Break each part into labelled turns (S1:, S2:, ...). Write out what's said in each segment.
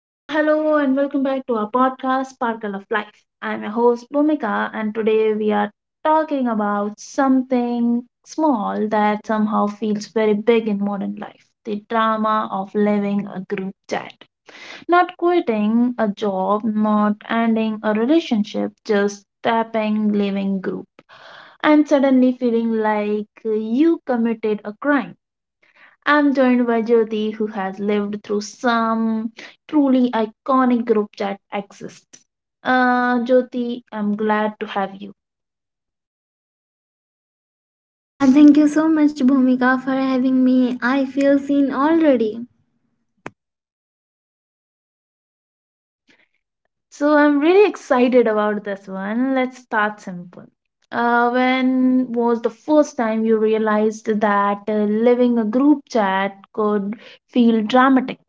S1: Hello and welcome back to our podcast, Sparkle of Life. I'm your host, Bhumika, and today we are talking about something small that somehow feels very big in modern life, the drama of living a group chat. Not quitting a job, not ending a relationship, just tapping living group. And suddenly feeling like you committed a crime. I'm joined by Jyoti, who has lived through some truly iconic group chat exist. Jyoti, I'm glad to have you.
S2: Thank you so much, Bhumika, for having me. I feel seen already.
S1: So I'm really excited about this one. Let's start simple. When was the first time you realized that living a group chat could feel dramatic?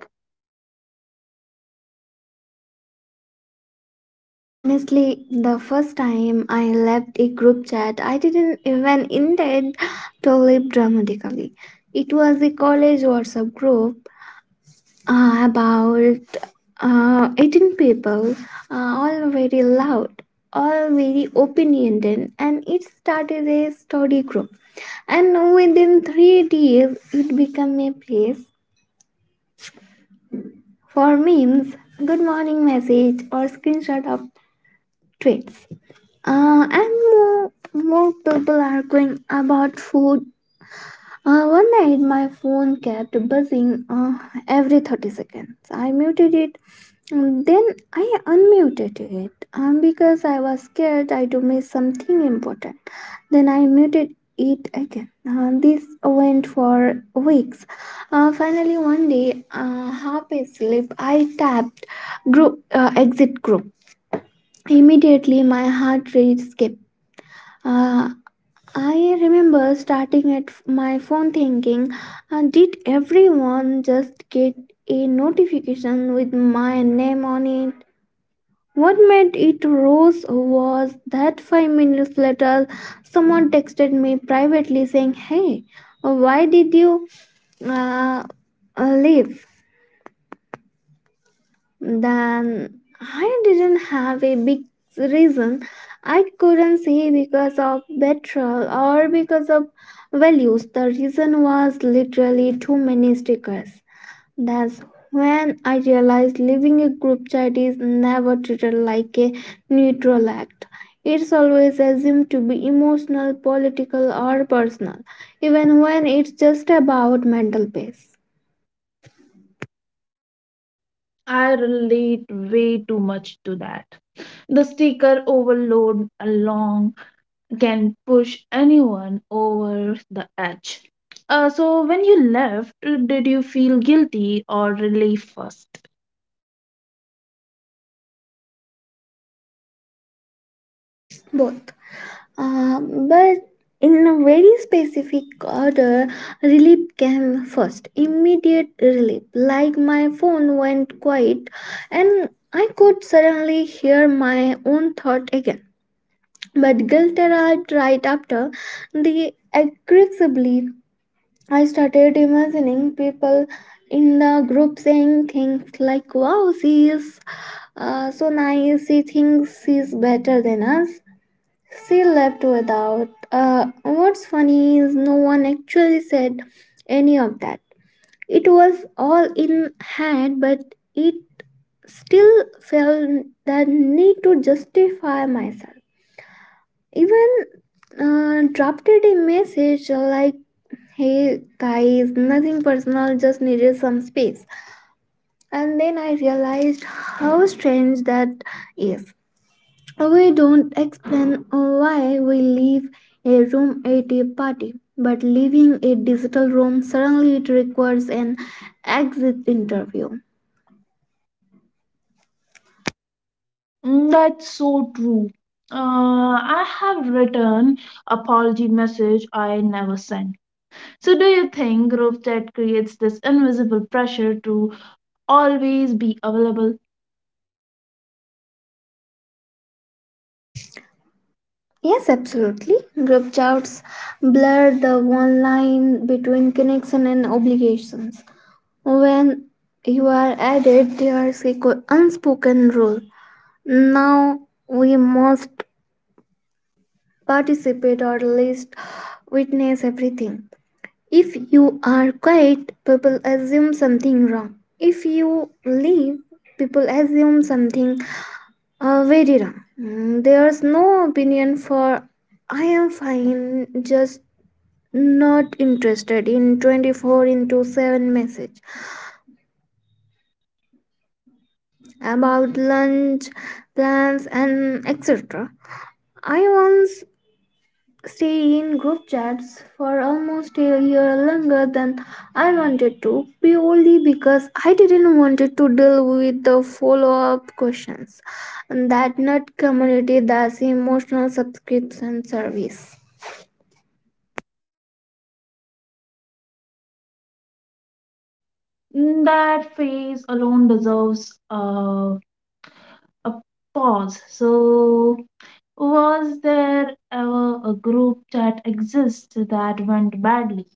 S2: Honestly, the first time I left a group chat, I didn't even intend to leave dramatically. It was a college WhatsApp group, about 18 people, all very loud, all very opinionated, and it started a study group. And within 3 days, it became a place for memes, good morning message or screenshot of tweets. And more people are going about food. One night, my phone kept buzzing every 30 seconds. I muted it, and then I unmuted it because I was scared I to miss something important. Then I muted it again. This went for weeks. Finally, one day, half asleep, I tapped group exit group. Immediately, my heart rate skipped. Uh, I remember starting at my phone thinking, did everyone just get a notification with my name on it? What made it rose was that 5 minutes later, someone texted me privately saying, "Hey, why did you uh, leave?" Then I didn't have a big reason. I couldn't say because of petrol or because of values. The reason was literally too many stickers. That's when I realized leaving a group chat is never treated like a neutral act. It's always assumed to be emotional, political, or personal, even when it's just about mental peace.
S1: I relate way too much to that, the sticker overload along can push anyone over the edge. So, when you left, did you feel guilty or relief first?
S2: Both. Uh, but in a very specific order, relief came first. Immediate relief, like my phone went quiet and I could suddenly hear my own thought again. But guilt arrived right after the aggressively. I started imagining people in the group saying things like, "Wow, she is so nice, she thinks she's better than us she left without." What's funny is no one actually said any of that. It was all in hand, but it still felt that need to justify myself. Even dropped it a message like, "Hey guys, nothing personal, just needed some space." And then I realized how strange that is. We don't explain why we leave a room at a party, but leaving a digital room suddenly it requires an exit interview.
S1: Mm, that's so true. I have written apology message I never sent. So, do you think group chat creates this invisible pressure to always be available?
S2: Yes, absolutely. Group chats blur the one line between connection and obligations. When you are added, there's a unspoken rule. Now we must participate or at least witness everything. If you are quiet, people assume something wrong. If you leave, people assume something very wrong. Mm. There's no opinion for I am fine, just not interested in 24 into 7 message about lunch, plans, and etc. I once stay in group chats for almost a year longer than I wanted to, purely because I didn't want to deal with the follow-up questions. That nut community that's emotional subscription service.
S1: Mm, that phase alone deserves a pause. So, was there ever a group that exists that went badly,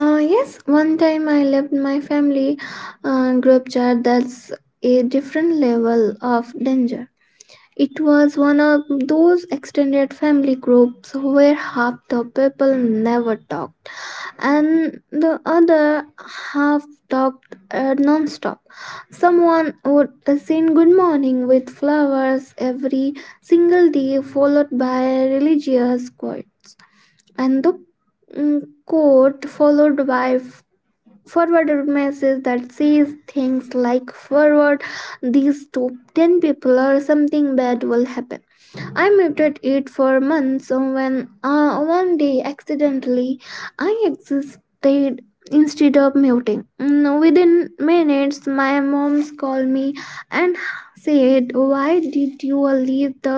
S2: Yes, one time I left my family group chat, that's a different level of danger. It was one of those extended family groups where half the people never talk and the other half talked non-stop. Someone would sing good morning with flowers every single day, followed by religious quotes, and the quote followed by forwarded message that says things like forward these top 10 people or something bad will happen. I muted it for months. So when one day accidentally I existed instead of muting. Mm. Within minutes my mom's called me and said, "Why did you leave the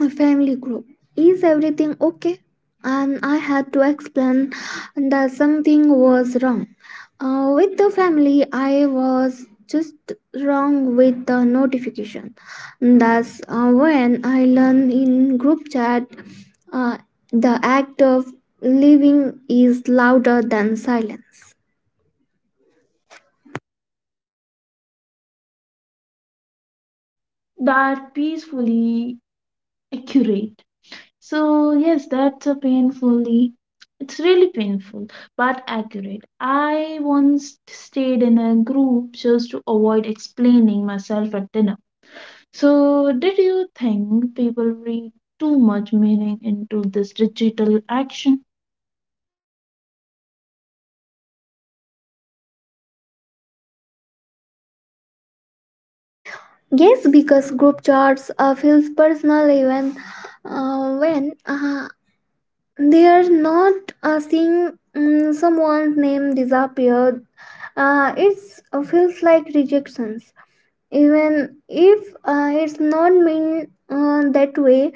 S2: a family group? Is everything okay?" And I had to explain that something was wrong with the family, I was just wrong with the notification. That's when I learned in group chat uh, the act of living is louder than silence.
S1: that peacefully accurate? So, yes, that's a painfully, it's really painful, but accurate. I once stayed in a group just to avoid explaining myself at dinner. So, did you think people read too much meaning into this digital action?
S2: Yes, because group chats feels personal even when uh, they are not, seeing someone's name disappear, it feels like rejections, even if it's not mean that way.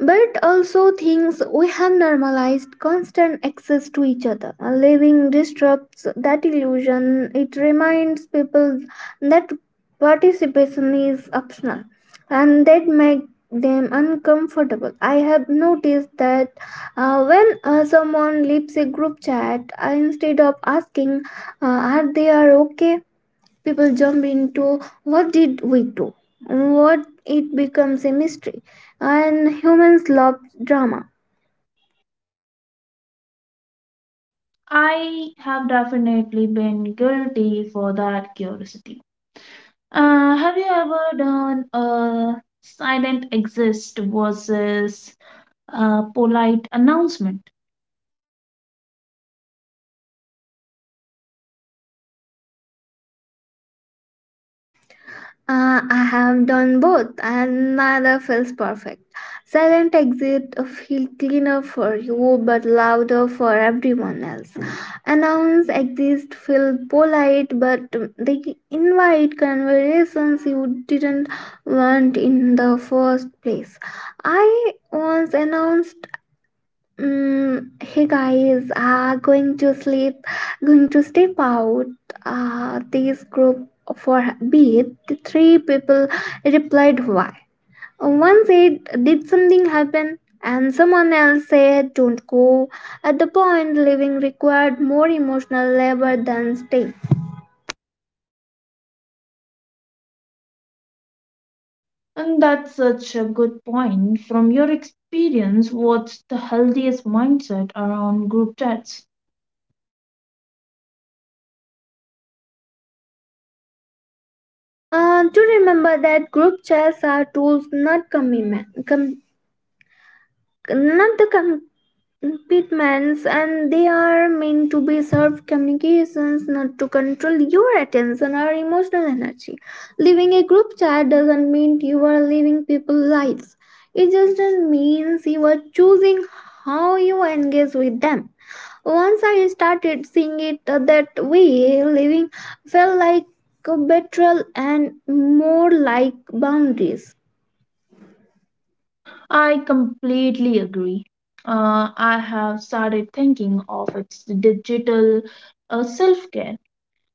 S2: But also things we have normalized constant access to each other. A living disrupts that illusion. It reminds people that participation is optional and that make them uncomfortable. I have noticed that when someone leaves a group chat, I, instead of asking, are they are okay? People jump into what did we do. What it becomes a mystery, and humans love drama.
S1: I have definitely been guilty for that curiosity. Have you ever done a silent exist versus a polite announcement?
S2: I have done both and neither feels perfect. Silent exit feel cleaner for you but louder for everyone else. Announce exist feel polite, but they invite conversations you didn't want in the first place. I once announced, "Mm, hey guys, going to sleep, going to step out. This group for beat." The three people replied why. One said, "Did something happen?" And someone else said, "Don't go." At the point, leaving required more emotional labor than staying.
S1: And that's such a good point. From your experience, what's the healthiest mindset around group chats?
S2: To remember that group chats are tools, not commitment. Com- not the com- Pitmans, and they are meant to be serve communications, not to control your attention or emotional energy. Leaving a group chat doesn't mean you are leaving people's lives. It just means you are choosing how you engage with them. Once I started seeing it that way, living felt like a betrayal and more like boundaries.
S1: I completely agree. I have started thinking of its digital self care.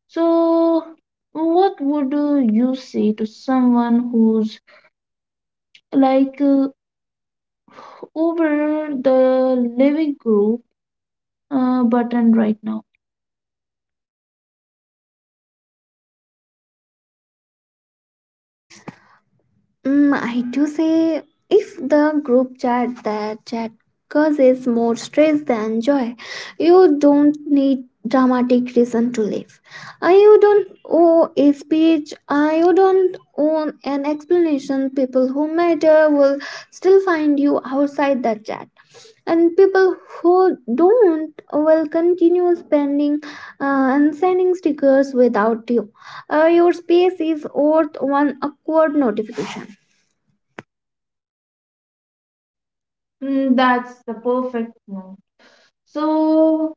S1: So, what would you say to someone who's like over the living group button right now.
S2: Mm, I do say if the group chat causes more stress than joy, you don't need dramatic reason to leave. You don't owe a speech. You don't own an explanation. People who matter will still find you outside the chat. And people who don't will continue spending and sending stickers without you. Your space is worth one awkward notification.
S1: Mm, that's the perfect one. So,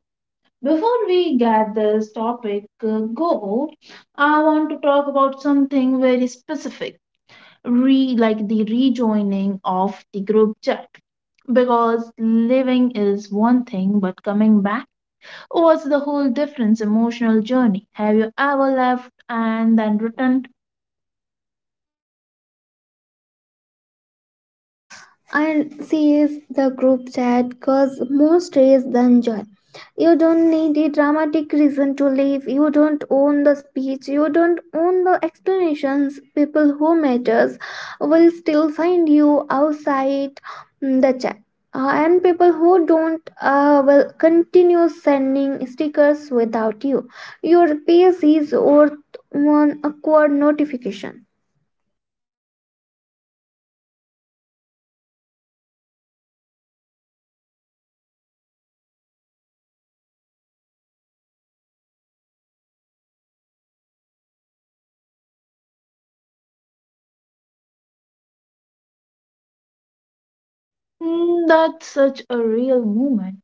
S1: before we get this topic go, I want to talk about something very specific, re like the rejoining of the group chat. Because living is one thing, but coming back was the whole difference emotional journey. Have you ever left and then returned?
S2: And sees the group chat cause more stress than joy. You don't need a dramatic reason to leave. You don't own the speech. You don't own the explanations. People who matters will still find you outside the chat. And people who don't will continue sending stickers without you. Your pace is worth one awkward notification.
S1: Mm, that's such a real moment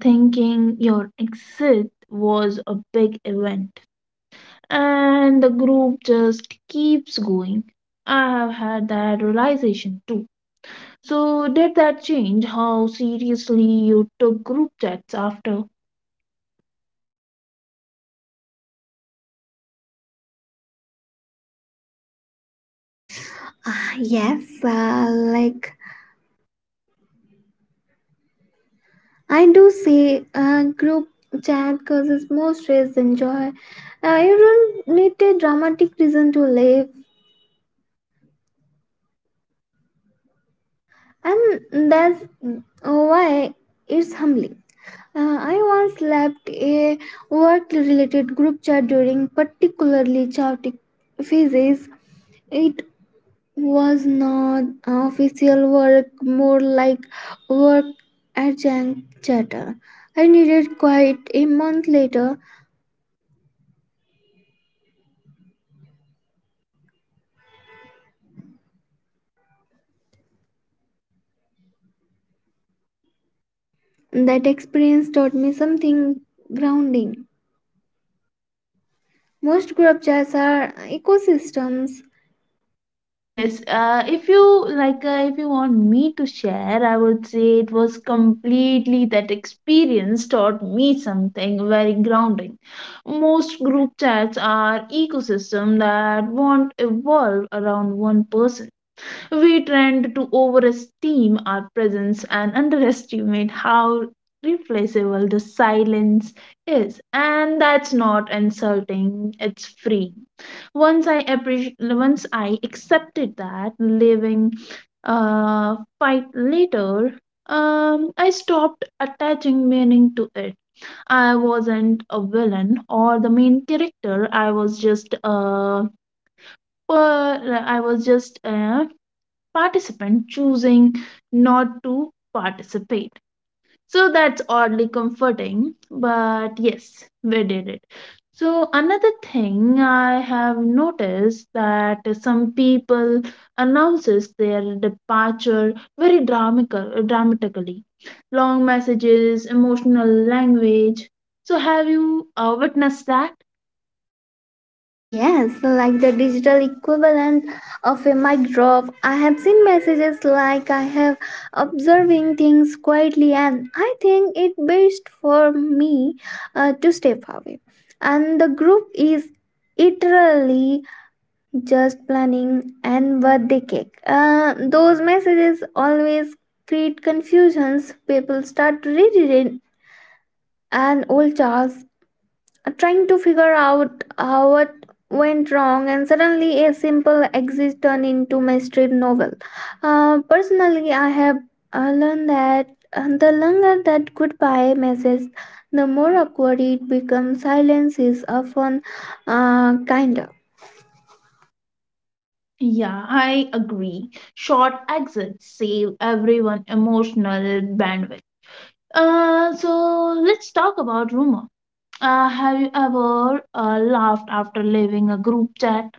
S1: thinking your exit was a big event. And the group just keeps going. I have had that realization too. So, did that change how seriously you took group chats after?
S2: Ah yes, like I do say group chat causes more stress than joy. You don't need a dramatic reason to live, and that's why it's humbling. I once left a work related group chat during particularly chaotic phases. It was not official work, more like work adjunct chatter. I needed quite a month later. That experience taught me something grounding. Most group chats are ecosystems.
S1: Yes, if you like, if you want me to share, I would say it was completely that experience taught me something very grounding. Most group chats are ecosystem that won't evolve around one person. We tend to overestimate our presence and underestimate how replaceable the silence is. And that's not insulting, it's free. Once I appreciate, once I accepted that living fight later, I stopped attaching meaning to it. I wasn't a villain or the main character. I was just a participant choosing not to participate. So that's oddly comforting, but yes, we did it. So another thing I have noticed that some people announces their departure very dramatically, long messages, emotional language. So have you witnessed that?
S2: Yes, like the digital equivalent of a mic drop. I have seen messages like I have observing things quietly, and I think it best for me to step away. And the group is literally just planning and birthday cake. Those messages always create confusions. People start rereading an old charts, trying to figure out what went wrong, and suddenly a simple exit turned into mystery novel. Personally, I have learned that the longer that goodbye message, the more awkward it becomes. Silence is often kinder.
S1: Yeah, I agree. Short exits save everyone emotional bandwidth. So let's talk about rumor. Have you ever laughed after leaving a group chat?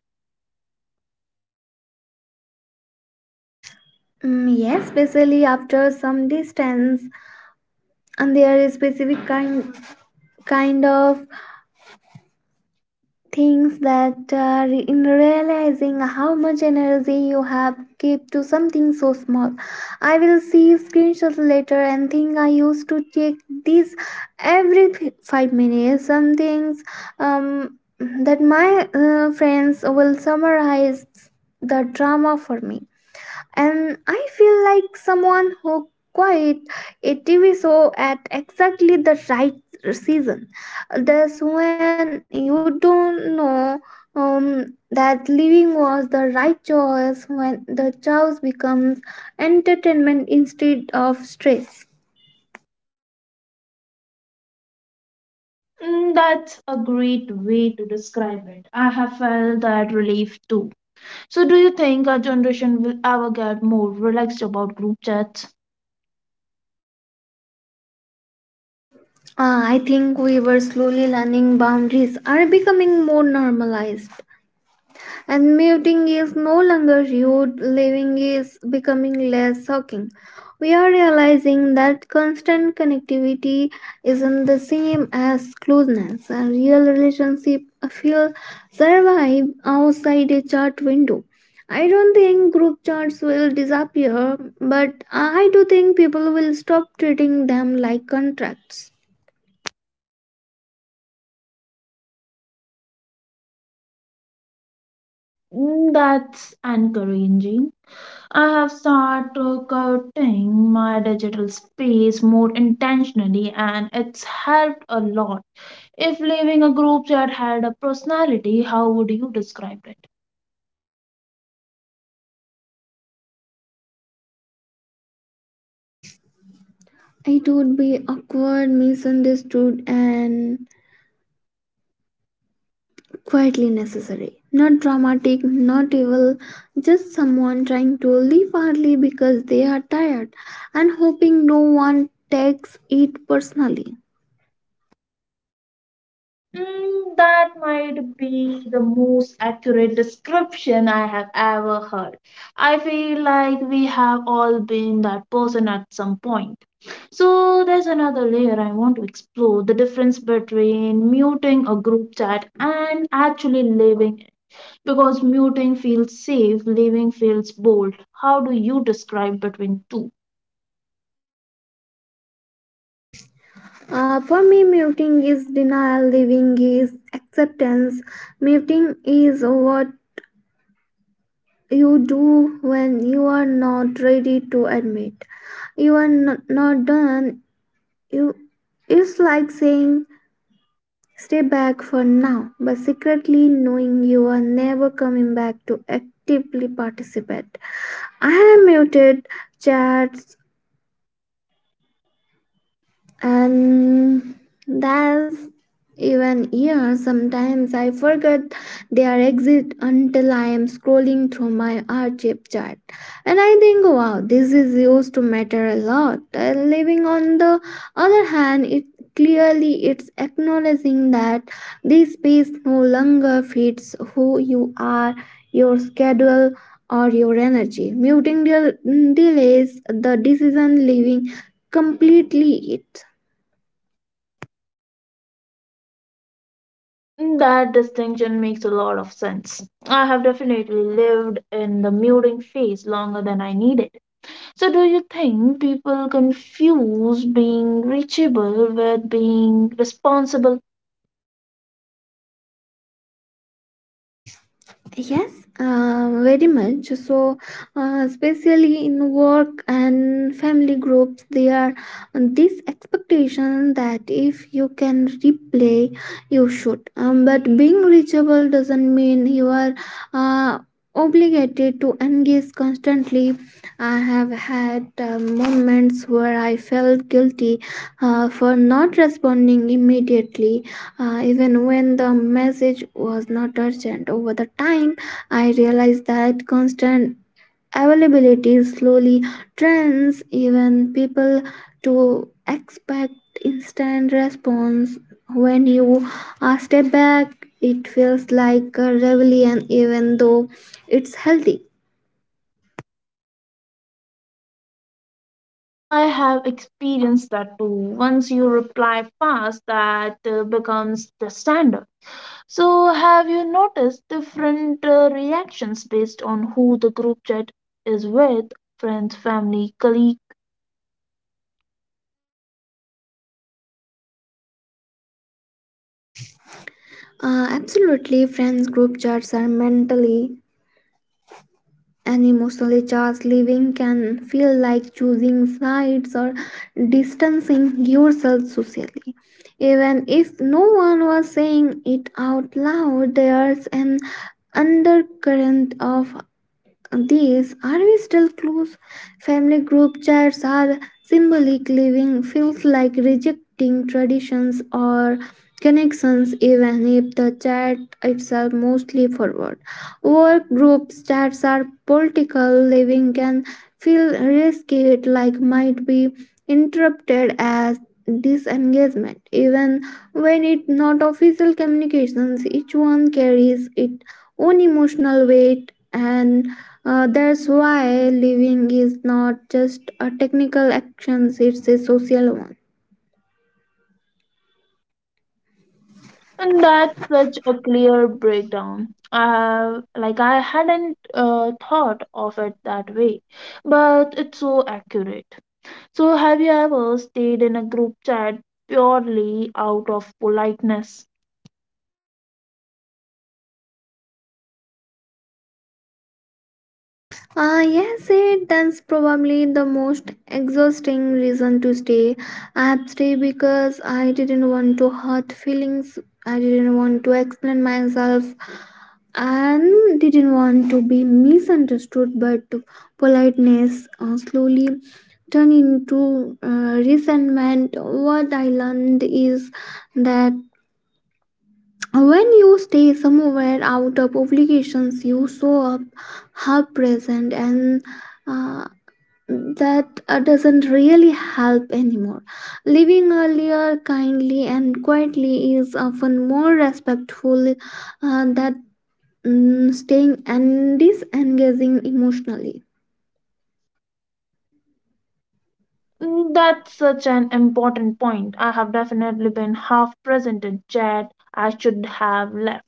S2: Mm, yes, especially after some distance, and there is specific kind of things that in realizing how much energy you have kept to something so small. I will see screenshots later and think I used to check this every 5 minutes. Some things that my friends will summarize the drama for me. And I feel like someone who quit a TV show at exactly the right season. That's when you don't know that leaving was the right choice when the choice becomes entertainment instead of stress.
S1: Mm, that's a great way to describe it. I have felt that relief too. So, do you think our generation will ever get more relaxed about group chats?
S2: I think we were slowly learning boundaries are becoming more normalized. And muting is no longer rude, living is becoming less shocking. We are realizing that constant connectivity isn't the same as closeness, and real relationship feel survive outside a chat window. I don't think group chats will disappear, but I do think people will stop treating them like contracts.
S1: Mm, that's encouraging. I have started cutting my digital space more intentionally and it's helped a lot. If leaving a group chat had a personality, how would you describe it?
S2: It would be awkward, misunderstood, and quietly necessary. Not dramatic, not evil, just someone trying to leave early because they are tired and hoping no one takes it personally.
S1: Mm, that might be the most accurate description I have ever heard. I feel like we have all been that person at some point. So, there's another layer I want to explore the difference between muting a group chat and actually living. Because muting feels safe, leaving feels bold. How do you describe between two?
S2: For me, muting is denial, leaving is acceptance. Muting is what you do when you are not ready to admit you are not done. You, it's like saying stay back for now, but secretly knowing you are never coming back to actively participate. I have muted chats, and that's even here sometimes I forget their exit until I am scrolling through my archive chart, and I think wow this is used to matter a lot. Living on the other hand, it clearly it's acknowledging that this space no longer fits who you are, your schedule or your energy. Muting delays the decision, leaving completely it.
S1: That distinction makes a lot of sense. I have definitely lived in the muting phase longer than I needed. So, do you think people confuse being reachable with being responsible?
S2: Yes, very much. So, especially in work and family groups, there are this expectation that if you can replay, you should. But being reachable doesn't mean you are uh, obligated to engage constantly. I have had moments where I felt guilty for not responding immediately even when the message was not urgent. Over the time, I realized that constant availability slowly trains even people to expect instant response. When you step back, it feels like a rebellion, even though it's healthy.
S1: I have experienced that too. Once you reply fast, that becomes the standard. So, have you noticed different reactions based on who the group chat is with? Friends, family, colleague?
S2: Absolutely, friends group chats are mentally an emotionally charged living can feel like choosing sides or distancing yourself socially. Even if no one was saying it out loud, there's an undercurrent of these are we still close family group chats are symbolic living feels like rejecting traditions or connections even if the chat itself mostly forward work groups chats are political living can feel risky it like might be interrupted as disengagement even when it not official communications each one carries its own emotional weight, and that's why living is not just a technical action, it's a social one.
S1: And that's such a clear breakdown. I like, I hadn't thought of it that way, but it's so accurate. So, have you ever stayed in a group chat purely out of politeness?
S2: Yes, that's probably the most exhausting reason to stay. I have stayed because I didn't want to hurt feelings, I didn't want to explain myself, and didn't want to be misunderstood. But politeness slowly turned into resentment. What I learned is that when you stay somewhere out of obligations, you show up half present, and uh, that doesn't really help anymore. Living earlier, kindly, and quietly is often more respectful than staying and disengaging emotionally.
S1: Mm, that's such an important point. I have definitely been half present in chat. I should have left.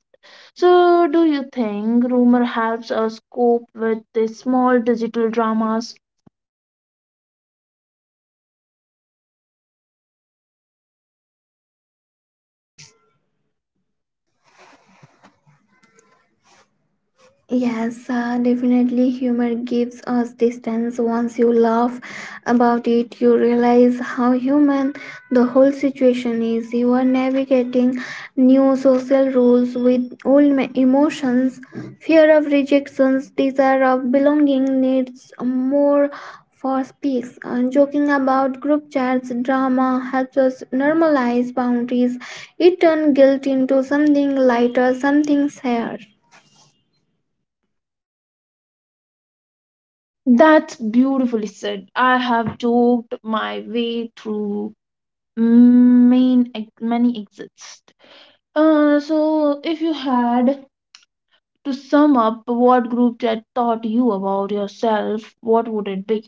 S1: So, do you think rumor helps us cope with the small digital dramas?
S2: Yes, definitely. Humor gives us distance. Once you laugh about it, you realize how human the whole situation is. You are navigating new social rules with old emotions, fear of rejections, desire of belonging, needs more for speaks. And joking about group chats, drama helps us normalize boundaries. It turns guilt into something lighter, something shared.
S1: That's beautifully said. I have joked my way through main, many exits. So, if you had to sum up what group chat taught you about yourself, what would it be?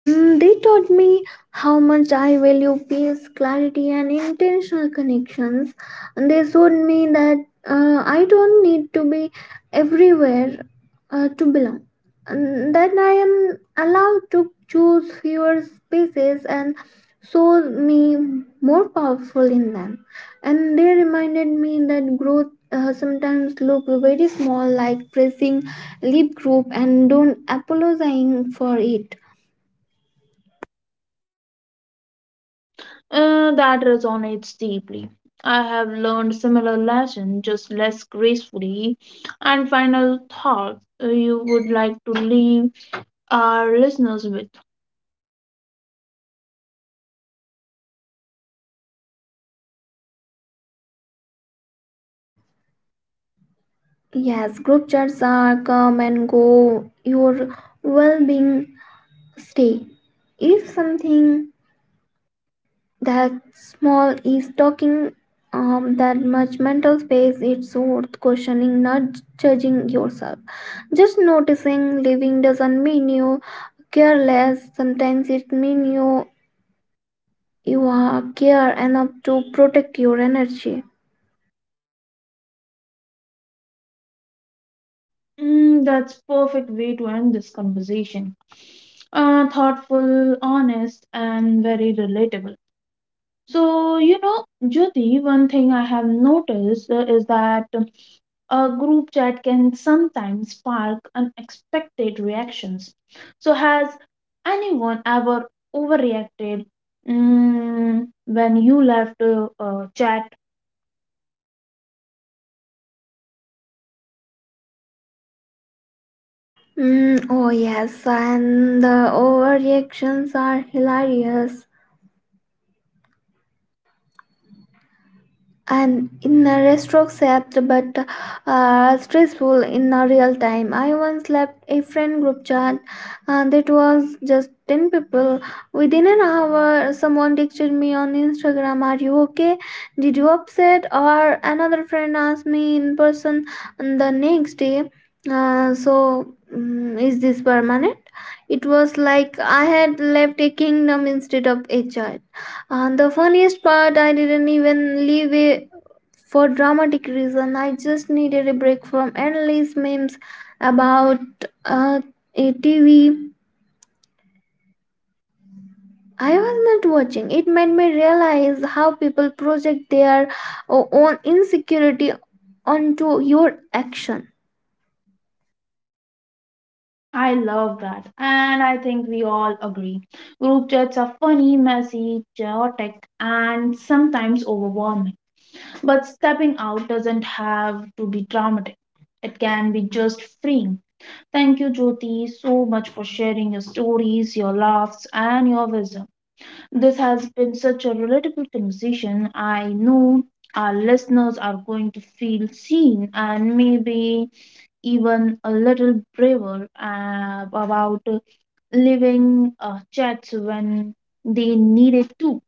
S2: Mm, they taught me how much I value peace, clarity, and intentional connections. And they showed me that I don't need to be everywhere to belong, and that I am allowed to choose fewer spaces and show me more powerful in them. And they reminded me that growth. Sometimes look very small like pressing leave group and don't apologizing for it.
S1: That resonates deeply. I have learned similar lesson, just less gracefully. And final thought you would like to leave our listeners with.
S2: Yes, group chats are come and go. Your well-being stay. If something that small is talking that much mental space, it's worth questioning, not judging yourself. Just noticing living doesn't mean you careless. Sometimes it means you are care enough to protect your energy.
S1: Mm, that's perfect way to end this conversation. Thoughtful, honest, and very relatable. So you know, Jyoti, one thing I have noticed is that a group chat can sometimes spark unexpected reactions. So, has anyone ever overreacted mm, when you left a chat?
S2: Mm, oh yes, and the overreactions are hilarious and in a retrospect, but stressful in a real time. I once left a friend group chat, and it was just 10 people. Within an hour someone texted me on Instagram, are you okay, did you upset, or another friend asked me in person on the next day, is this permanent? It was like I had left a kingdom instead of a child. And the funniest part, I didn't even leave a for dramatic reason, I just needed a break from endless memes about uh, a TV I was not watching. It made me realize how people project their own insecurity onto your action.
S1: I love that, and I think we all agree. Group chats are funny, messy, chaotic, and sometimes overwhelming. But stepping out doesn't have to be dramatic, it can be just freeing. Thank you, Jyoti, so
S2: Yes,
S1: much
S2: thank you
S1: for
S2: so
S1: sharing your
S2: much
S1: stories, your
S2: for
S1: laughs,
S2: this.
S1: and your wisdom. This has been such a relatable conversation. I know our listeners are going to feel seen and maybe even a little braver about living chats when they need it too.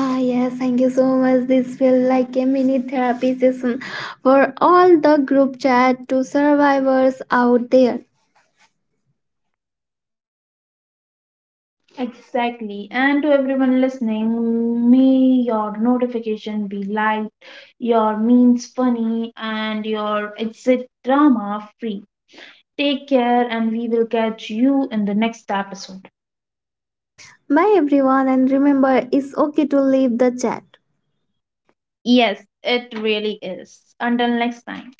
S2: Ah, yes, thank you so much. This feels like a mini therapy session for all the group chat to survivors out there.
S1: Exactly. And to everyone listening, may your notification be light, your memes funny, and your exit drama free. Take care, and we will catch you in the next episode.
S2: Bye everyone, and remember it's okay to leave the chat.
S1: Yes, it really is. Until next time.